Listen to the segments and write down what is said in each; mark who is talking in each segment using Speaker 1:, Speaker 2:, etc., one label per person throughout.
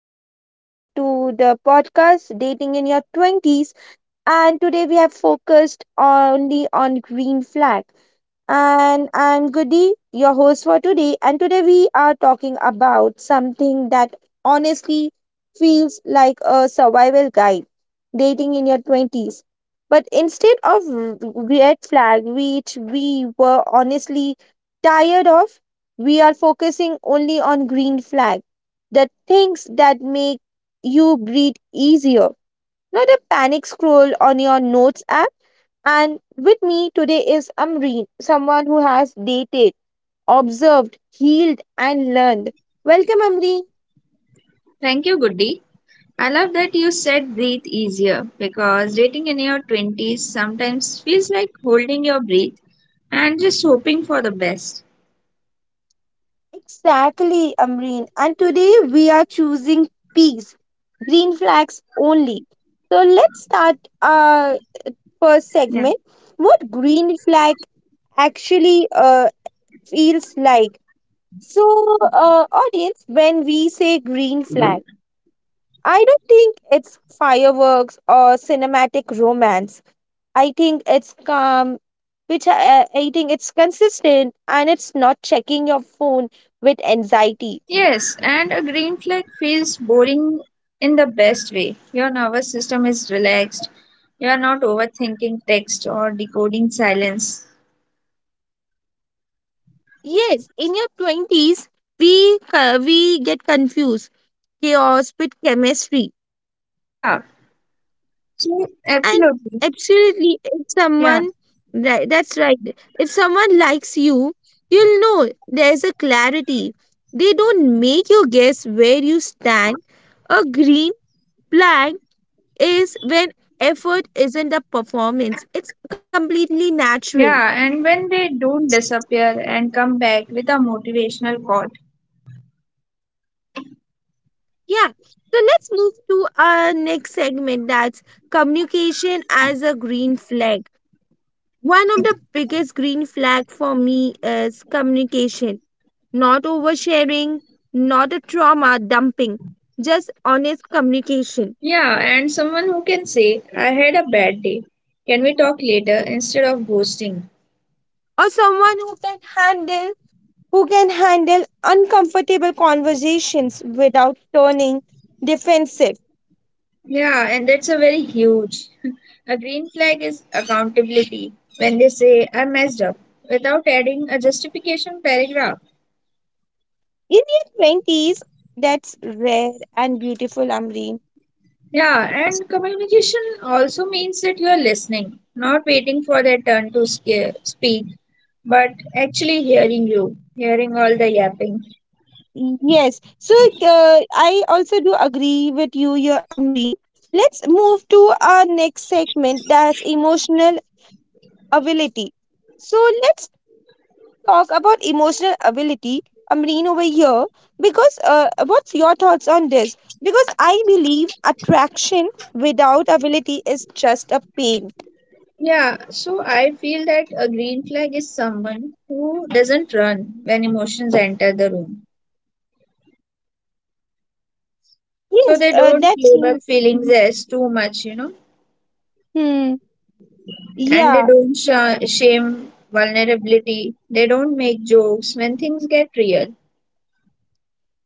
Speaker 1: Welcome back to the podcast Dating in Your 20s. And today we have focused only on green flag. And I'm Goody, your host for today. And today we are talking about something that honestly feels like a survival guide dating in your 20s. But instead of red flag, which we were honestly tired of, we are focusing only on green flag, the things that make you breathe easier, not a panic scroll on your notes app, and with me today is Amreen, someone who has dated, observed, healed, and learned. Welcome, Amreen.
Speaker 2: Thank you, Goody. I love that you said breathe easier because dating in your 20s sometimes feels like holding your breath and just hoping for the best.
Speaker 1: Exactly, Amreen. And today we are choosing peace, green flags only. So let's start our first
Speaker 2: Yeah.
Speaker 1: segment. What green flag actually feels like? So, audience, when we say green flag, I don't think it's fireworks or cinematic romance. I think it's calm, which I think it's consistent and it's not checking your phone with anxiety.
Speaker 2: Yes, and a green flag feels boring in the best way. Your nervous system is relaxed. You are not overthinking text or decoding silence.
Speaker 1: Yes, in your 20s, we get confused chaos with chemistry.
Speaker 2: Yeah, so
Speaker 1: And
Speaker 2: absolutely.
Speaker 1: absolutely, if
Speaker 2: Yeah.
Speaker 1: someone, right, that's right, if someone likes you, you'll know there's a clarity. They don't make you guess where you stand. A green flag is when effort isn't a performance, it's completely natural.
Speaker 2: Yeah, and when they don't disappear and come back with a motivational call.
Speaker 1: Yeah. So let's move to our next segment, that's communication as a green flag. One of the biggest green flag for me is communication, not oversharing, not a trauma dumping, just honest communication.
Speaker 2: Yeah, and someone who can say, I had a bad day. Can we talk later instead of ghosting?
Speaker 1: Or someone who can handle uncomfortable conversations without turning defensive.
Speaker 2: Yeah, and that's a very huge. A green flag is accountability. When they say, I messed up, without adding a justification paragraph.
Speaker 1: In your 20s, that's rare and beautiful, Amreen.
Speaker 2: Yeah, and communication also means that you are listening, not waiting for their turn to speak, but actually hearing you, hearing all the yapping.
Speaker 1: Yes. So I also do agree with you, your Amreen. Let's move to our next segment, that's emotional ability. So let's talk about emotional ability, Amreen, over here. Because what's your thoughts on this? Because I believe attraction without ability is just a pain.
Speaker 2: Yeah, so I feel that a green flag is someone who doesn't run when emotions enter the room. So
Speaker 1: Yes,
Speaker 2: they don't
Speaker 1: that's. mm-hmm.
Speaker 2: label feelings as too much, you know,
Speaker 1: Hmm.
Speaker 2: and they
Speaker 1: Yeah.
Speaker 2: don't shame vulnerability. They don't make jokes when things get real.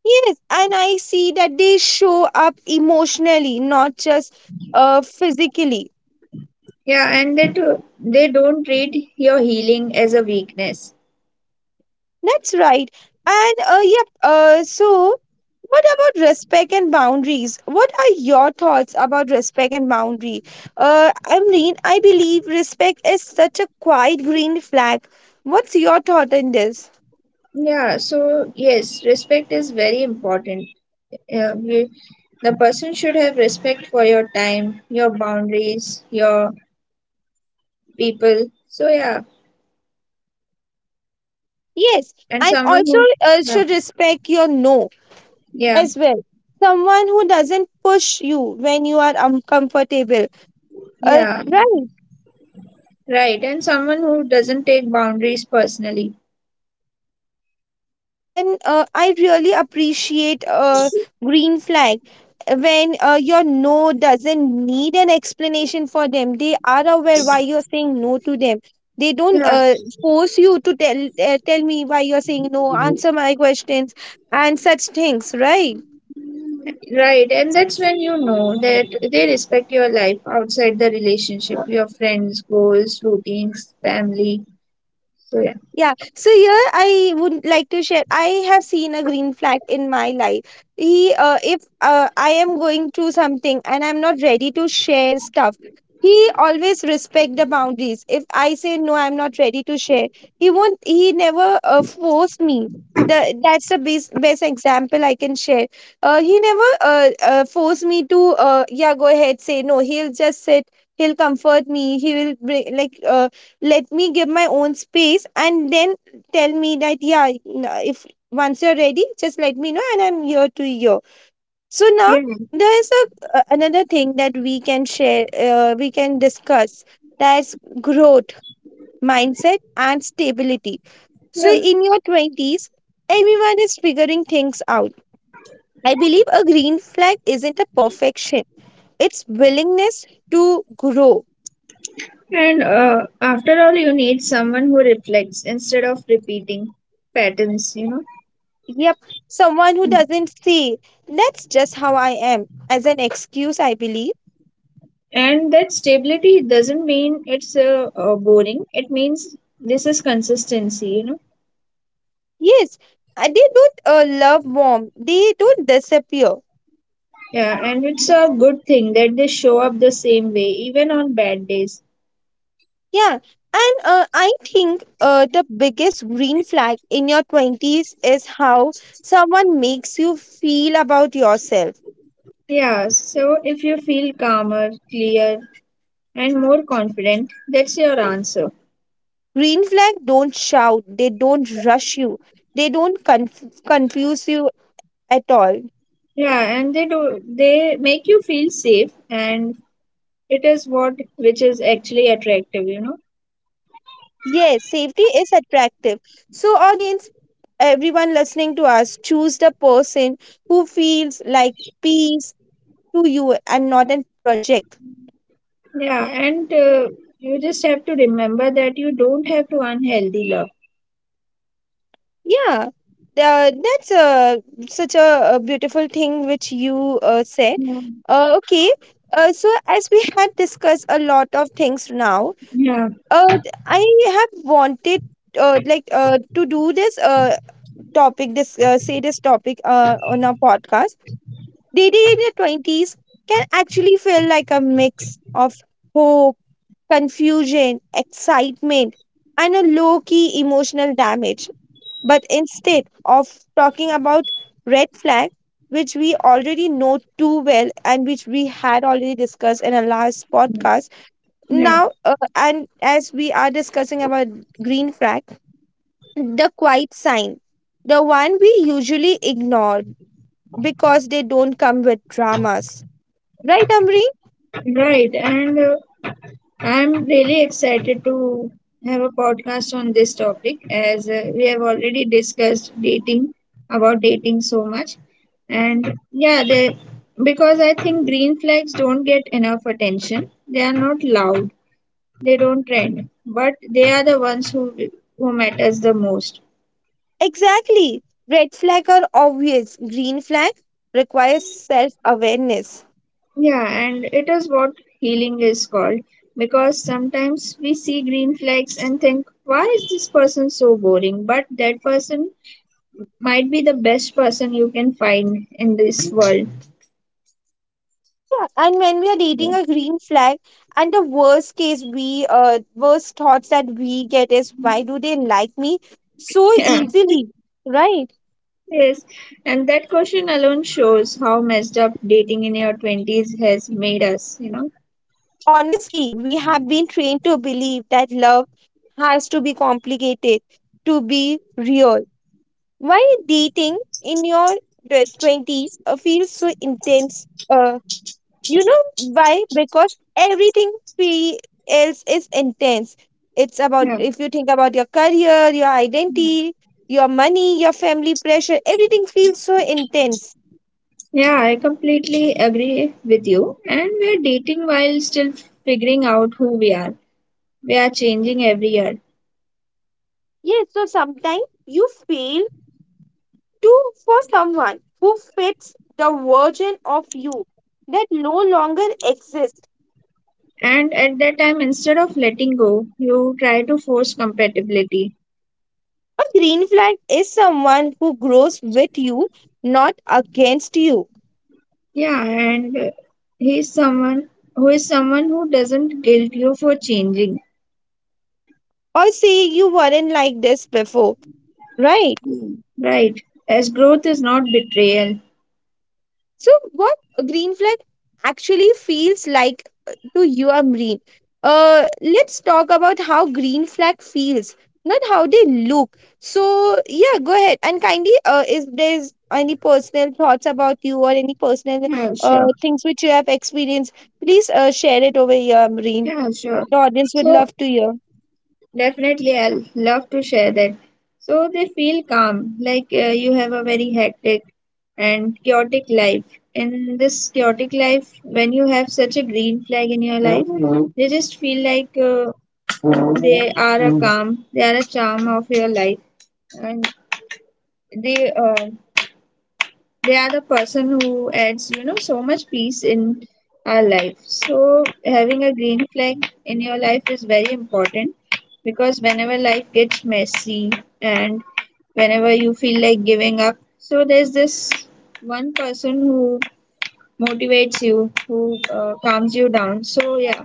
Speaker 1: Yes, and I see that they show up emotionally, not just physically.
Speaker 2: Yeah, and they do, they don't treat your healing as a weakness.
Speaker 1: That's right. And yep, so what about respect and boundaries? What are your thoughts about respect and boundary? Amreen, I believe respect is such a quiet green flag. What's your thought on this?
Speaker 2: Yeah, so yes, respect is very important. Uh, we- the person should have respect for your time, your boundaries, your people. So yeah,
Speaker 1: Yes,
Speaker 2: and
Speaker 1: and
Speaker 2: someone
Speaker 1: also
Speaker 2: who yeah.
Speaker 1: should respect your no
Speaker 2: Yeah.
Speaker 1: as well. Someone who doesn't push you when you are uncomfortable. Uh,
Speaker 2: Yeah,
Speaker 1: right.
Speaker 2: right, and someone who doesn't take boundaries personally.
Speaker 1: And I really appreciate a green flag when your no doesn't need an explanation for them. They are aware why you're saying no to them. They don't
Speaker 2: Yeah,
Speaker 1: force you to tell me why you're saying no, answer my questions and such things, right?
Speaker 2: right, and that's when you know that they respect your life outside the relationship, your friends, goals, routines, family. So yeah,
Speaker 1: Yeah, so here I would like to share. I have seen a green flag in my life. If I am going through something and I'm not ready to share stuff, he always respect the boundaries. If I say no, I'm not ready to share, he won't. He never force me. The that's the best example I can share. He never force me to yeah, go ahead, say no. He'll just sit. He'll comfort me. He will bring, let me give my own space, and then tell me that if once you're ready, just let me know, and I'm here to hear. So now
Speaker 2: yeah,
Speaker 1: there is another thing that we can share, we can discuss, that's growth mindset and stability. So
Speaker 2: yeah.
Speaker 1: in your 20s everyone is figuring things out. I believe a green flag isn't a perfection, it's willingness to grow.
Speaker 2: And after all, you need someone who reflects instead of repeating patterns, you know.
Speaker 1: Yep, someone who doesn't see that's just how I am as an excuse, I believe.
Speaker 2: And that stability doesn't mean it's boring. It means this is consistency, you know.
Speaker 1: Yes, they don't love mom. They don't disappear.
Speaker 2: Yeah, and it's a good thing that they show up the same way, even on bad days.
Speaker 1: Yeah, and I think the biggest green flag in your 20s is how someone makes you feel about yourself.
Speaker 2: Yeah, so if you feel calmer, clear, and more confident, that's your answer.
Speaker 1: Green flag don't shout, they don't rush you, they don't confuse you at all.
Speaker 2: Yeah, and they do, they make you feel safe, and it is what which is actually attractive, you know.
Speaker 1: Yes, safety is attractive. So, audience, everyone listening to us, choose the person who feels like peace to you and not a project.
Speaker 2: Yeah, and you just have to remember that you don't have to unhealthy love.
Speaker 1: Yeah, that's such a beautiful thing which you said.
Speaker 2: Yeah.
Speaker 1: Okay, so as we had discussed a lot of things now,
Speaker 2: Yeah,
Speaker 1: uh, I have wanted. To do this topic on our podcast, Dating in your 20s, can actually feel like a mix of hope, confusion, excitement, and a low key emotional damage. But instead of talking about red flag, which we already know too well and which we had already discussed in our last podcast,
Speaker 2: yeah,
Speaker 1: and as we are discussing about green flag, the quiet sign, the one we usually ignore because they don't come with dramas. Right, Amreen.
Speaker 2: right. And I'm really excited to have a podcast on this topic as we have already discussed dating about dating so much. And yeah, they, because I think green flags don't get enough attention. They are not loud. They don't trend, but they are the ones who matters the most.
Speaker 1: Exactly. Red flag are obvious. Green flag requires self awareness.
Speaker 2: Yeah, and it is what healing is called, because sometimes we see green flags and think, why is this person so boring? But that person might be the best person you can find in this world.
Speaker 1: Yeah, and when we are
Speaker 2: Yeah.
Speaker 1: dating a green flag, and the worst case worst thoughts that we get is, why do they like me so
Speaker 2: Yeah.
Speaker 1: easily? Right?
Speaker 2: Yes. And that question alone shows how messed up dating in your 20s has made us, you know?
Speaker 1: Honestly, we have been trained to believe that love has to be complicated to be real. Why dating in your twenties feels so intense? You know why? Because everything fe- else is intense. It's about,
Speaker 2: Yeah.
Speaker 1: if you think about your career, your identity, your money, your family pressure, everything feels so intense.
Speaker 2: Yeah, I completely agree with you. And we're dating while still figuring out who we are. We are changing every year.
Speaker 1: Yes, so sometimes you feel to for someone who fits the version of you that no longer exists.
Speaker 2: And at that time, instead of letting go, you try to force compatibility.
Speaker 1: A green flag is someone who grows with you, not against you.
Speaker 2: Yeah, and he someone who is someone who doesn't guilt you for changing,
Speaker 1: Or say you weren't like this before, right?
Speaker 2: right? As growth is not betrayal.
Speaker 1: So, what a green flag actually feels like to you, Amreen? Let's talk about how green flag feels, not how they look. So, yeah, go ahead and kindly, if there's any personal thoughts about you or any personal
Speaker 2: Yeah, sure.
Speaker 1: things which you have experienced, please share it over here, Amreen.
Speaker 2: Yeah, sure.
Speaker 1: The audience would love
Speaker 2: So
Speaker 1: to hear.
Speaker 2: Definitely, I'll love to share that. So they feel calm, like you have a very hectic and chaotic life. In this chaotic life, when you have such a green flag in your life, they just feel like they are a calm, they are a charm of your life, and they uh, they are the person who adds, you know, so much peace in our life. So having a green flag in your life is very important, because whenever life gets messy and whenever you feel like giving up, so there's this one person who motivates you, who calms you down. So yeah,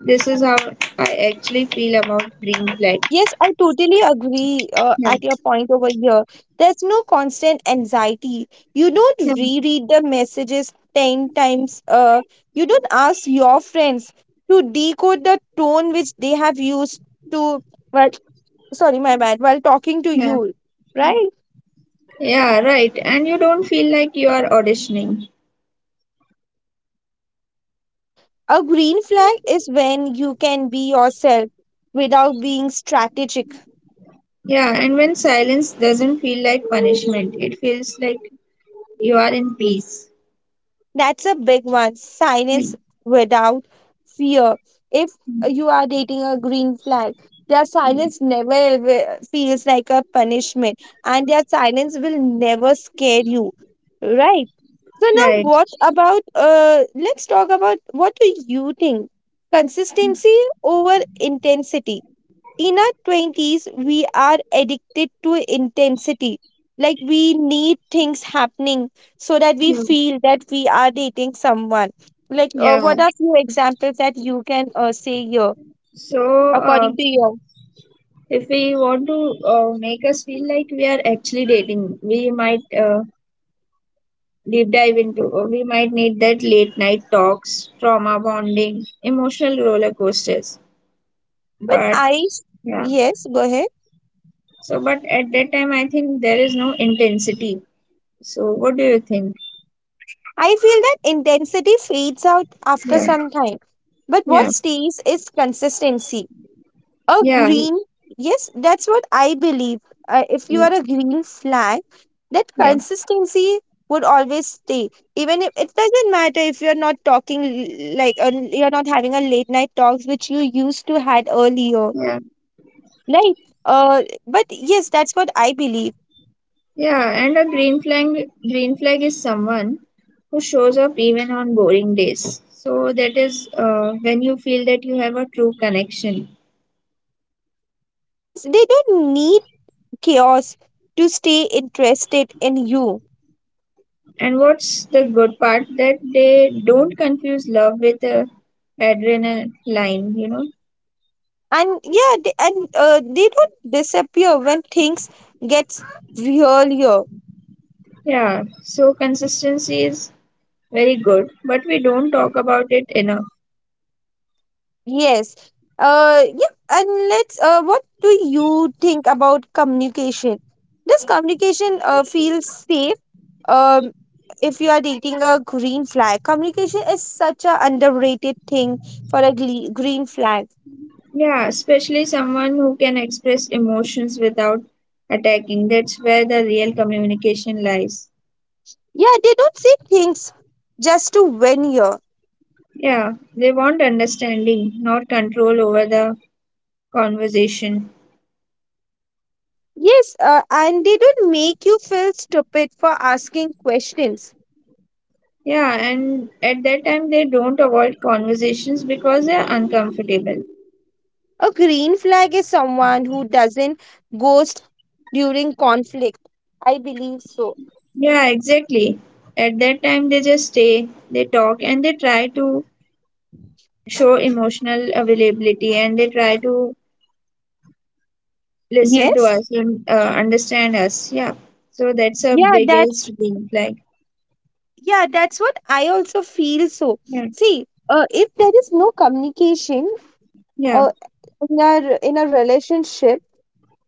Speaker 2: this is how I actually feel about green flag.
Speaker 1: Yes, I totally agree
Speaker 2: Yeah.
Speaker 1: at your point over here. There's no constant anxiety. You don't
Speaker 2: Yeah.
Speaker 1: reread the messages 10 times. You don't ask your friends to decode the tone which they have used to, well, sorry, my bad, while talking to
Speaker 2: Yeah.
Speaker 1: you,
Speaker 2: Yeah.
Speaker 1: right?
Speaker 2: Yeah, right. And you don't feel like you are auditioning.
Speaker 1: A green flag is when you can be yourself without being strategic.
Speaker 2: Yeah, and when silence doesn't feel like punishment, it feels like you are in peace.
Speaker 1: That's a big one.
Speaker 2: Hmm.
Speaker 1: Silence without fear. If you are dating a green flag, their silence never ever feels like a punishment, and their silence will never scare you, right? So now,
Speaker 2: Right.
Speaker 1: what about? Let's talk about, what do you think? Consistency over intensity. In our 20s we are addicted to intensity, like we need things happening so that we
Speaker 2: Yeah.
Speaker 1: feel that we are dating someone. Like,
Speaker 2: Yeah.
Speaker 1: what are few examples that you can say here
Speaker 2: So,
Speaker 1: according to you?
Speaker 2: if we want to make us feel like we are actually dating, we might deep dive into, or we might need that late night talks, trauma bonding, emotional roller coasters.
Speaker 1: But
Speaker 2: But, yeah.
Speaker 1: yes, go ahead.
Speaker 2: So, but at that time, I think there is no intensity. So, what do you think?
Speaker 1: I feel that intensity fades out after
Speaker 2: Yeah.
Speaker 1: some time, but what
Speaker 2: Yeah.
Speaker 1: stays is consistency. A
Speaker 2: Yeah.
Speaker 1: green, yes, that's what I believe. If you
Speaker 2: Yeah.
Speaker 1: are a green flag, that
Speaker 2: Yeah.
Speaker 1: consistency would always stay. Even if it doesn't matter if you're not talking, you're not having a late night talks which you used to had earlier,
Speaker 2: Yeah.
Speaker 1: right? But yes, that's what I believe.
Speaker 2: Yeah, and a green flag is someone who shows up even on boring days. So that is when you feel that you have a true connection.
Speaker 1: Yes, they don't need chaos to stay interested in you.
Speaker 2: And what's the good part that they don't confuse love with adrenaline, you know?
Speaker 1: And yeah, they don't disappear when things gets real.
Speaker 2: Yeah, so consistency is very good, but we don't talk about it enough.
Speaker 1: Yes. Yeah. And let's. What do you think about communication? Does communication feel safe? Um, if you are dating a green flag, communication is such a underrated thing for a green flag.
Speaker 2: Yeah, especially someone who can express emotions without attacking. That's where the real communication lies.
Speaker 1: Yeah, they don't say things just to win here.
Speaker 2: Yeah, they want understanding, not control over the conversation.
Speaker 1: Yes, and they don't make you feel stupid for asking questions.
Speaker 2: Yeah, and at that time they don't avoid conversations because they are uncomfortable.
Speaker 1: A green flag is someone who doesn't ghost during conflict. I believe so.
Speaker 2: Yeah, exactly. At that time they just stay, they talk, and they try to show emotional availability and they try to listen to
Speaker 1: Yes.
Speaker 2: us and understand us. Yeah, so that's a
Speaker 1: Yeah, that's
Speaker 2: biggest green flag.
Speaker 1: yeah, that's what I also feel so.
Speaker 2: Yeah,
Speaker 1: See, if there is no communication,
Speaker 2: yeah,
Speaker 1: uh, in a relationship,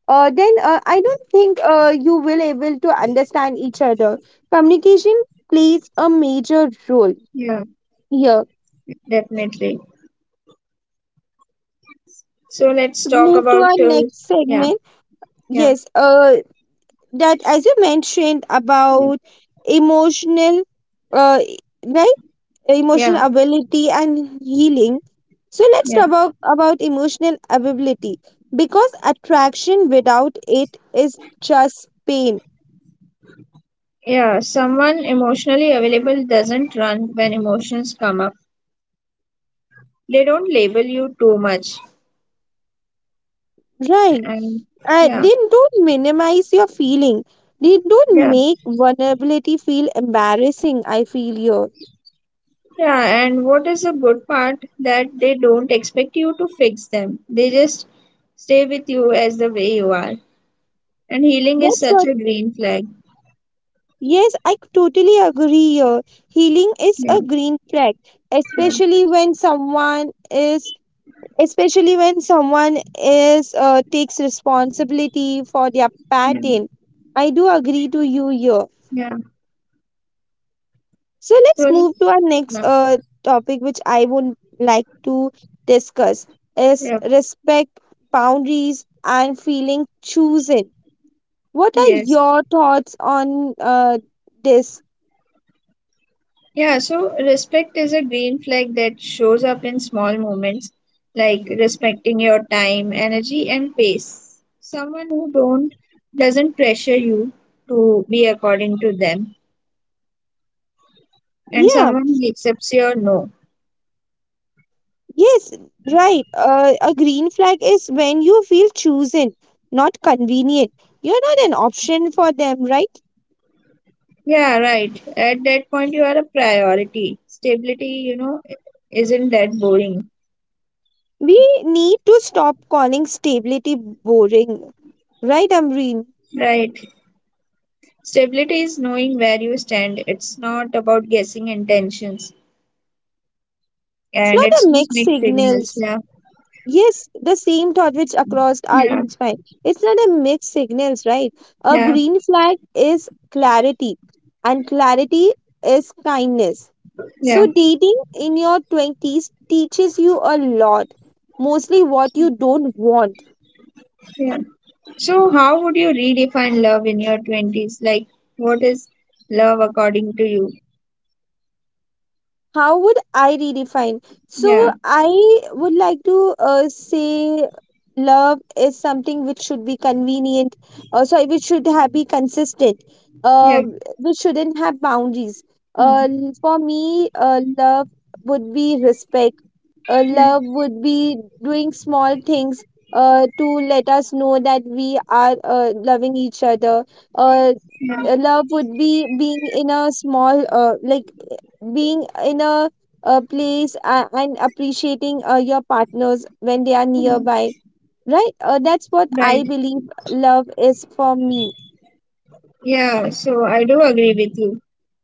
Speaker 1: then I don't think you will able to understand each other. Communication plays a major role
Speaker 2: yeah,
Speaker 1: here.
Speaker 2: definitely. So let's
Speaker 1: Let's
Speaker 2: talk
Speaker 1: move to
Speaker 2: about,
Speaker 1: our next
Speaker 2: yeah,
Speaker 1: segment.
Speaker 2: yeah,
Speaker 1: Yes, that as you mentioned
Speaker 2: yeah.
Speaker 1: about emotional uh, right,
Speaker 2: Yeah,
Speaker 1: emotional ability and healing, so let's
Speaker 2: yeah,
Speaker 1: talk about emotional ability, because attraction without it is just pain,
Speaker 2: yeah. Someone emotionally available doesn't run when emotions come up. They don't label you too much.
Speaker 1: right?
Speaker 2: And yeah,
Speaker 1: They don't minimize your feeling, they don't
Speaker 2: yeah,
Speaker 1: make vulnerability feel embarrassing, I feel here.
Speaker 2: yeah. And what is the good part that they don't expect you to fix them. They just stay with you as the way you are. And healing is
Speaker 1: That's
Speaker 2: such
Speaker 1: what
Speaker 2: a green flag.
Speaker 1: Yes, I totally agree here. Healing is
Speaker 2: Yeah,
Speaker 1: a green flag,
Speaker 2: yeah,
Speaker 1: especially when someone is especially when someone is takes responsibility for their
Speaker 2: yeah,
Speaker 1: pattern. I do agree to you here.
Speaker 2: yeah.
Speaker 1: So let's
Speaker 2: So
Speaker 1: move to
Speaker 2: yeah,
Speaker 1: our next topic, which I would like to discuss, is
Speaker 2: yeah,
Speaker 1: respect, boundaries and feeling chosen. What are
Speaker 2: yes.
Speaker 1: your thoughts on this?
Speaker 2: Yeah, so respect is a green flag that shows up in small moments, like respecting your time, energy and pace. Someone who don't doesn't pressure you to be according to them, and
Speaker 1: Yeah.
Speaker 2: someone who accepts your no.
Speaker 1: Yes, right. A green flag is when you feel chosen, not convenient. You're not an option for them, right?
Speaker 2: Yeah, right. At that point you are a priority. Stability, you know, isn't that boring.
Speaker 1: We need to stop calling stability boring, right, Amreen?
Speaker 2: Right. Stability is knowing where you stand. It's not about guessing intentions
Speaker 1: It's
Speaker 2: and
Speaker 1: not a
Speaker 2: it's not
Speaker 1: mixed
Speaker 2: mixed signals.
Speaker 1: signals.
Speaker 2: Yeah.
Speaker 1: Yes, the same thought which across our
Speaker 2: Yeah.
Speaker 1: each mind. It's not a mixed signals, right? A
Speaker 2: Yeah.
Speaker 1: green flag is clarity, and clarity is kindness.
Speaker 2: Yeah,
Speaker 1: So dating in your 20s teaches you a lot, mostly what you don't want.
Speaker 2: yeah. So, how would you redefine love in your 20s? Like, what is love according to you?
Speaker 1: How would I redefine? So
Speaker 2: Yeah,
Speaker 1: I would like to say love is something which should be convenient, sorry, which should have be consistent. Uh,
Speaker 2: yeah,
Speaker 1: which shouldn't have boundaries. Uh,
Speaker 2: mm,
Speaker 1: for me, love would be respect.
Speaker 2: yeah,
Speaker 1: Love would be doing small things to let us know that we are loving each other. Uh,
Speaker 2: yeah.
Speaker 1: Love would be being in a small, being in a, place and appreciating your partners when they are nearby. Right? That's what I
Speaker 2: Right.
Speaker 1: believe love is for me.
Speaker 2: Yeah, so I do agree with you.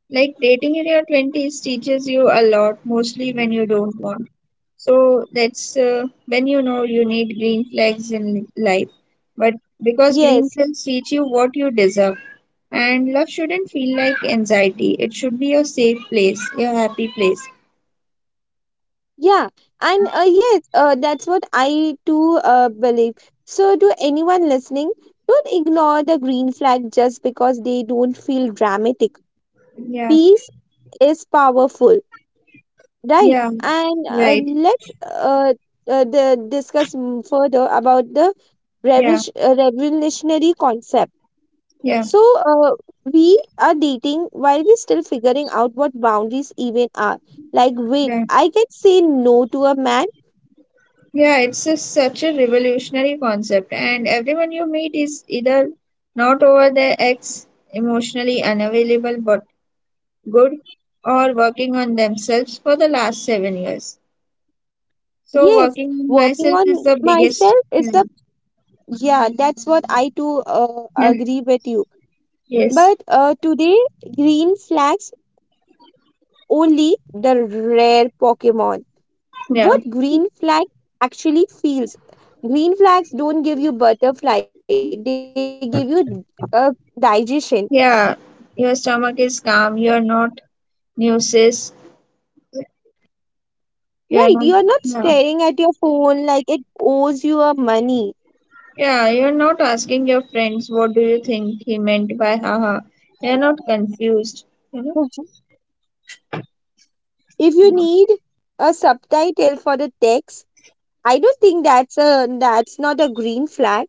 Speaker 2: Like dating in your 20s teaches you a lot, mostly when you don't want. So that's when you know you need green flags in life. But Because green
Speaker 1: Yes.
Speaker 2: flags teach you what you deserve. And love shouldn't feel like anxiety. It should be your safe place, your happy place.
Speaker 1: Yeah, and yes, that's what I too believe. So, to anyone listening, don't ignore the green flag just because they don't feel dramatic.
Speaker 2: Yeah,
Speaker 1: Peace is powerful, right?
Speaker 2: yeah,
Speaker 1: And uh,
Speaker 2: right.
Speaker 1: let's uh, uh, the, discuss further about the
Speaker 2: Yeah,
Speaker 1: revolutionary concept.
Speaker 2: yeah,
Speaker 1: So, we are dating while we're still figuring out what boundaries even are. Like, wait,
Speaker 2: right.
Speaker 1: I can say no to a man.
Speaker 2: Yeah, it's a, such a revolutionary concept, and everyone you meet is either not over their ex, emotionally unavailable but good, or working on themselves for the last 7 years. So,
Speaker 1: Yes,
Speaker 2: working on
Speaker 1: working
Speaker 2: myself is
Speaker 1: on
Speaker 2: the biggest.
Speaker 1: myself is
Speaker 2: Yeah.
Speaker 1: the, yeah, that's what I too
Speaker 2: Yeah.
Speaker 1: agree with you.
Speaker 2: Yes.
Speaker 1: But today, green flags only the rare Pokemon.
Speaker 2: Yeah.
Speaker 1: What green flag actually feels? Green flags don't give you butterfly, they give you uh,
Speaker 2: Yeah.
Speaker 1: digestion,
Speaker 2: Your stomach is calm. You're not nauseous. You're
Speaker 1: right?
Speaker 2: not.
Speaker 1: You are not
Speaker 2: Yeah.
Speaker 1: staring at your phone like it owes you a money.
Speaker 2: Yeah, you're not asking your friends, what do you think he meant by haha. You're not confused, you know?
Speaker 1: Mhm. If you need a subtitle for the text, I don't think that's not a green flag.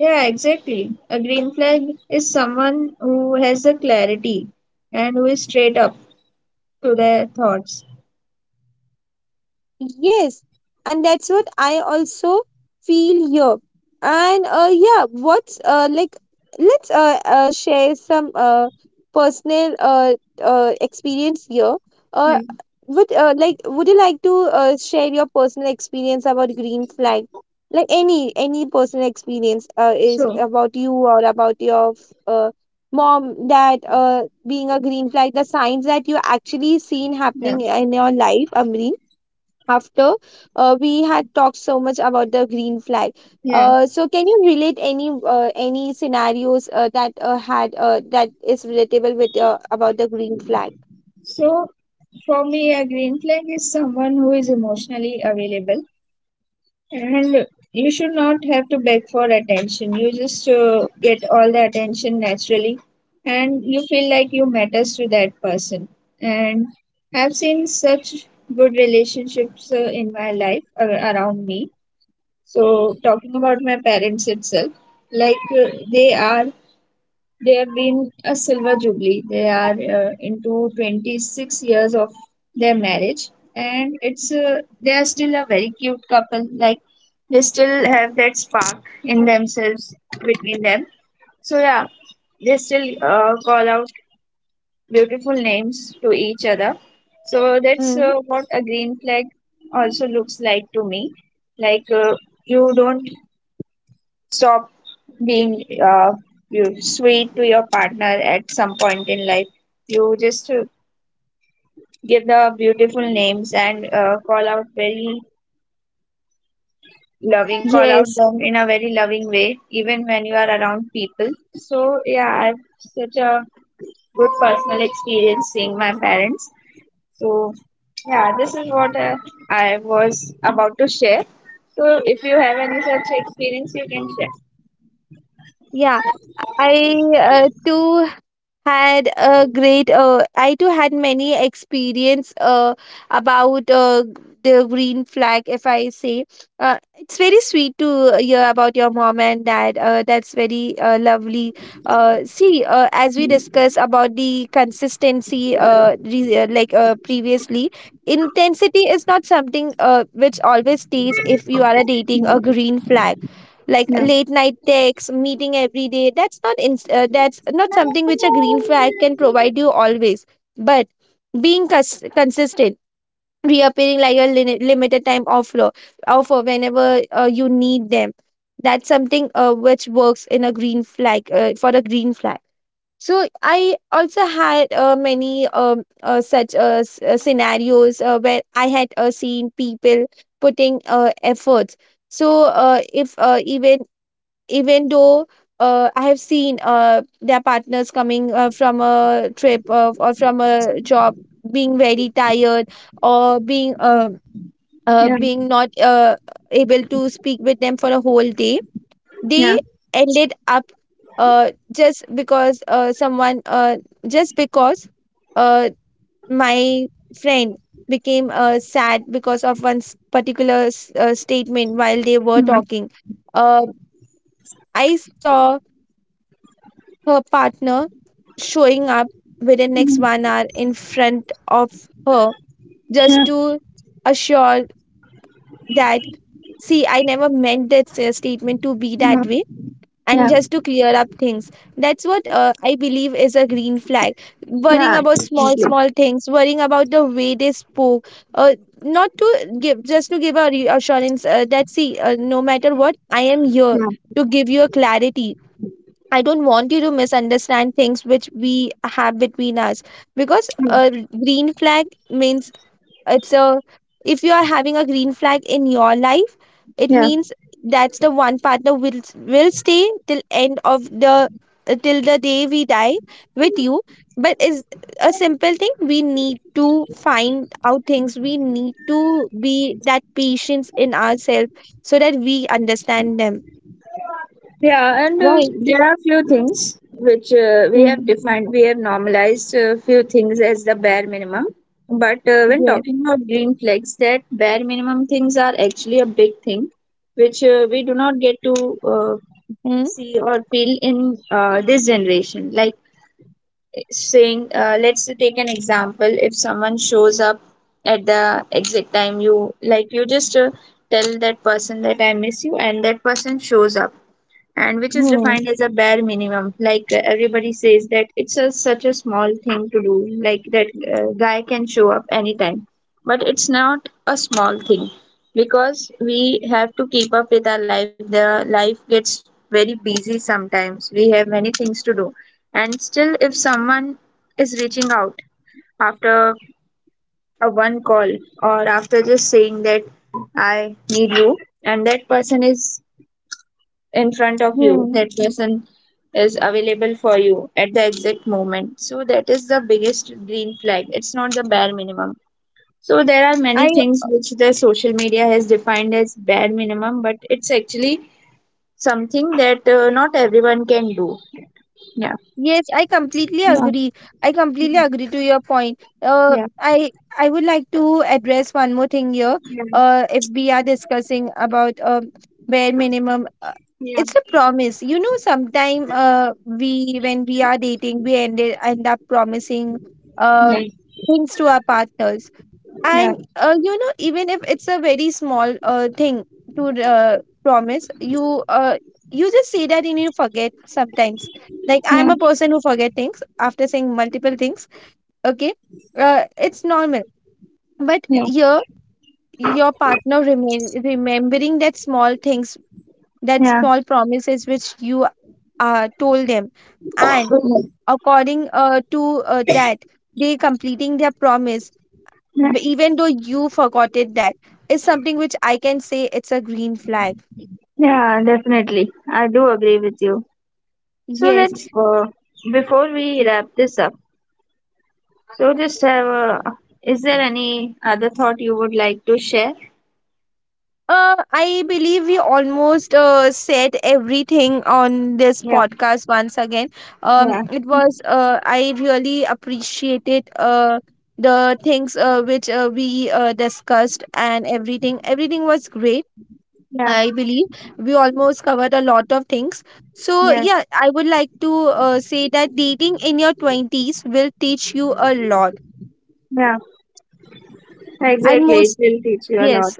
Speaker 2: Yeah, exactly. A green flag is someone who has the clarity and who is straight up to their thoughts.
Speaker 1: Yes, and that's what I also feel here. And yeah, what's like? Let's share some personal experience here. Uh,
Speaker 2: Yeah.
Speaker 1: would you like to share your personal experience about green flag? Like any personal experience is
Speaker 2: So,
Speaker 1: about you or about your uh mom that being a green flag, the signs that you actually seen
Speaker 2: yeah,
Speaker 1: happening in your life, Amri, after we had talked so much about the green flag.
Speaker 2: yeah.
Speaker 1: So can you relate any scenarios that is relatable with about the green flag?
Speaker 2: So, for me, a green flag is someone who is emotionally available. And you should not have to beg for attention. You just get all the attention naturally, and you feel like you matters to that person. And I've seen such good relationships in my life around me. So talking about my parents itself, like uh, they are they have been a silver jubilee. They are into 26 years of their marriage, and it's they are still a very cute couple. Like they still have that spark in themselves between them. So yeah, they still call out beautiful names to each other. So that's
Speaker 1: Mm,
Speaker 2: what a green flag also looks like to me. Like uh, you don't stop being you sweet to your partner at some point in life. You just give the beautiful names and call out very loving, call out
Speaker 1: yes,
Speaker 2: them in a very loving way, even when you are around people. So yeah, I've such a good personal experience seeing my parents. So yeah, this is what I was about to share. So if you have any such experience, you can share.
Speaker 1: yeah. I too had a great I too had many experience about the green flag. If I say it's very sweet to hear about your mom and dad, that's very lovely. See, as we discuss about the consistency, like previously, intensity is not something which always stays if you are a dating a green flag like
Speaker 2: Yeah,
Speaker 1: late night texts, meeting every day. That's not in, that's not something which a green flag can provide you always. But being consistent, reappearing like a limited time offer whenever you need them. That's something which works in a green flag, for a green flag. So I also had many such scenarios where I had seen people putting efforts. So if even even though I have seen their partners coming from a trip or from a job, being very tired or being
Speaker 2: yeah,
Speaker 1: being not able to speak with them for a whole day. They
Speaker 2: yeah,
Speaker 1: ended up uh, just because uh, someone uh, just because uh, my friend became sad because of one particular statement while they were
Speaker 2: yeah,
Speaker 1: talking. Uh, I saw her partner showing up within next 1 hour in front of her just
Speaker 2: yeah,
Speaker 1: to assure that, see, I never meant that statement to be
Speaker 2: yeah,
Speaker 1: that way, and
Speaker 2: yeah,
Speaker 1: just to clear up things. That's what I believe is a green flag: worrying
Speaker 2: yeah,
Speaker 1: about small
Speaker 2: definitely.
Speaker 1: small things, worrying about the way they spoke, uh, not to give just to give a reassurance that, see, no matter what, I am here
Speaker 2: Yeah,
Speaker 1: to give you a clarity. I don't want you to misunderstand things which we have between us, because
Speaker 2: mm,
Speaker 1: a green flag means it's a if you are having a green flag in your life, it
Speaker 2: yeah,
Speaker 1: means that's the one partner will stay till end of the, till the day we die with you. But is a simple thing. We need to find out things. We need to be that patience in ourselves so that we understand them.
Speaker 2: yeah. And
Speaker 1: Right.
Speaker 2: there are few things which we
Speaker 1: Mm.
Speaker 2: have defined, we have normalized a few things as the bare minimum. But when
Speaker 1: Yes.
Speaker 2: talking about green flags, that bare minimum things are actually a big thing, which we do not get to see or feel in this generation. Like saying, let's take an example, if someone shows up at the exact time you like, you just tell that person that I miss you, and that person shows up, and which is
Speaker 1: Mm.
Speaker 2: defined as a bare minimum, like everybody says that it's a, such a small thing to do, like that guy can show up anytime, but it's not a small thing, because we have to keep up with our life. The life gets very busy, sometimes we have many things to do, and still if someone is reaching out after a one call, or after just saying that I need you, and that person is in front of you,
Speaker 1: Hmm.
Speaker 2: that person is available for you at the exact moment, so that is the biggest green flag. It's not the bare minimum. So there are many
Speaker 1: I
Speaker 2: things which the social media has defined as bare minimum, but it's actually something that not everyone can do. Yeah.
Speaker 1: Yes, I completely
Speaker 2: Yeah.
Speaker 1: agree. I completely agree to your point.
Speaker 2: Yeah.
Speaker 1: I would like to address one more thing here.
Speaker 2: Yeah.
Speaker 1: If we are discussing about bare minimum,
Speaker 2: Yeah.
Speaker 1: it's a promise. You know, sometime we when we are dating, we end up promising uh
Speaker 2: Yeah. Yeah.
Speaker 1: things to our partners.
Speaker 2: Yeah.
Speaker 1: And you know, even if it's a very small thing to promise, you just say that and you forget sometimes. Like,
Speaker 2: Yeah.
Speaker 1: I'm a person who forget things after saying multiple things. Okay, it's normal. But
Speaker 2: Yeah.
Speaker 1: here, your partner remain remembering that small things, that
Speaker 2: Yeah.
Speaker 1: small promises which you told them, and according to that, they completing their promise, even though you forgot it. That is something which I can say it's a green flag.
Speaker 2: Yeah, definitely. I do agree with you. So
Speaker 1: Yes.
Speaker 2: let's, before we wrap this up, so, just is there any other thought you would like to share?
Speaker 1: I believe we almost said everything on this
Speaker 2: Yeah,
Speaker 1: podcast once again.
Speaker 2: yeah,
Speaker 1: It was I really appreciated the things which we discussed, and everything. Everything was great.
Speaker 2: yeah,
Speaker 1: I believe we almost covered a lot of things. So,
Speaker 2: yeah,
Speaker 1: yeah, I would like to say that dating in your 20s will teach you a lot.
Speaker 2: yeah.
Speaker 1: And
Speaker 2: Exactly, it
Speaker 1: most,
Speaker 2: will teach you a lot.
Speaker 1: yes,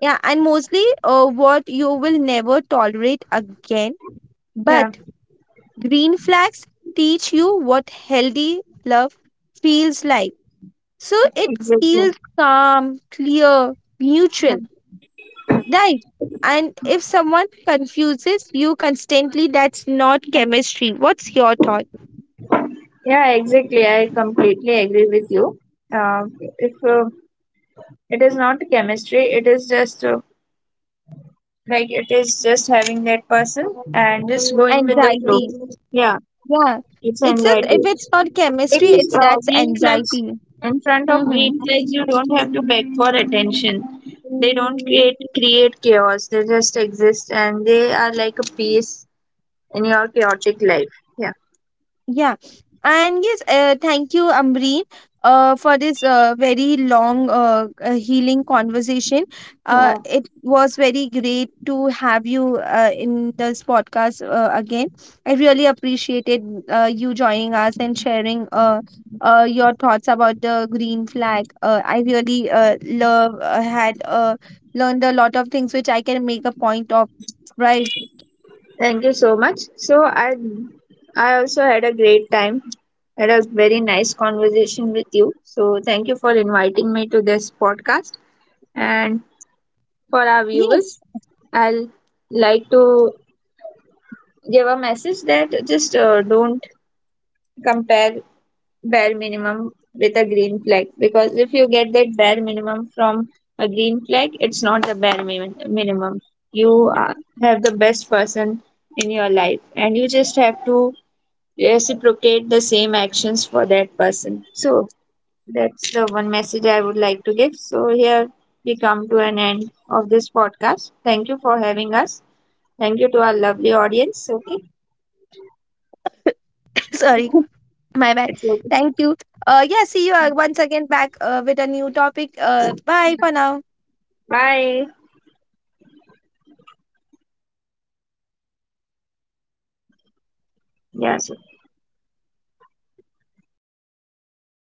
Speaker 1: yeah, and mostly what you will never tolerate again.
Speaker 2: Yeah,
Speaker 1: But green flags teach you what healthy love feels like. So, it
Speaker 2: exactly.
Speaker 1: feels calm, clear, mutual.
Speaker 2: Yeah,
Speaker 1: Right. And if someone confuses you constantly, that's not
Speaker 2: yeah.
Speaker 1: chemistry. What's your thought?
Speaker 2: Yeah, exactly. I completely agree with you. Uh, if it is not chemistry, it is just like it is just having that person and just going with the flow.
Speaker 1: Anxiety.
Speaker 2: Yeah.
Speaker 1: Yeah.
Speaker 2: It's
Speaker 1: It's just, if
Speaker 2: anxiety.
Speaker 1: it's not
Speaker 2: It
Speaker 1: chemistry,
Speaker 2: is
Speaker 1: it's that's
Speaker 2: green flags.
Speaker 1: anxiety.
Speaker 2: In front of
Speaker 1: Mm-hmm.
Speaker 2: green flags, you don't have to beg for attention. They don't create chaos. They just exist, and they are like a piece in your chaotic life. Yeah.
Speaker 1: Yeah. And yes, thank you, Amreen, for this very long, healing conversation.
Speaker 2: Wow.
Speaker 1: It was very great to have you in this podcast again. I really appreciated you joining us and sharing your thoughts about the green flag. I really love had learned a lot of things which I can make a point of. Right.
Speaker 2: Thank you so much. I also had a great time. Had a very nice conversation with you. So thank you for inviting me to this podcast. And for our
Speaker 1: Yes.
Speaker 2: viewers, I'll like to give a message that just don't compare bare minimum with a green flag, because if you get that bare minimum from a green flag, it's not the minimum. You are, have the best person in your life, and you just have to reciprocate the same actions for that person. So that's the one message I would like to give. So here we come to an end of this podcast. Thank you for having us. Thank you to our lovely audience. Okay.
Speaker 1: Sorry, my bad.
Speaker 2: It's okay.
Speaker 1: Thank you. Yeah, see you once again back with a new topic. Bye for now.
Speaker 2: Bye. Yes.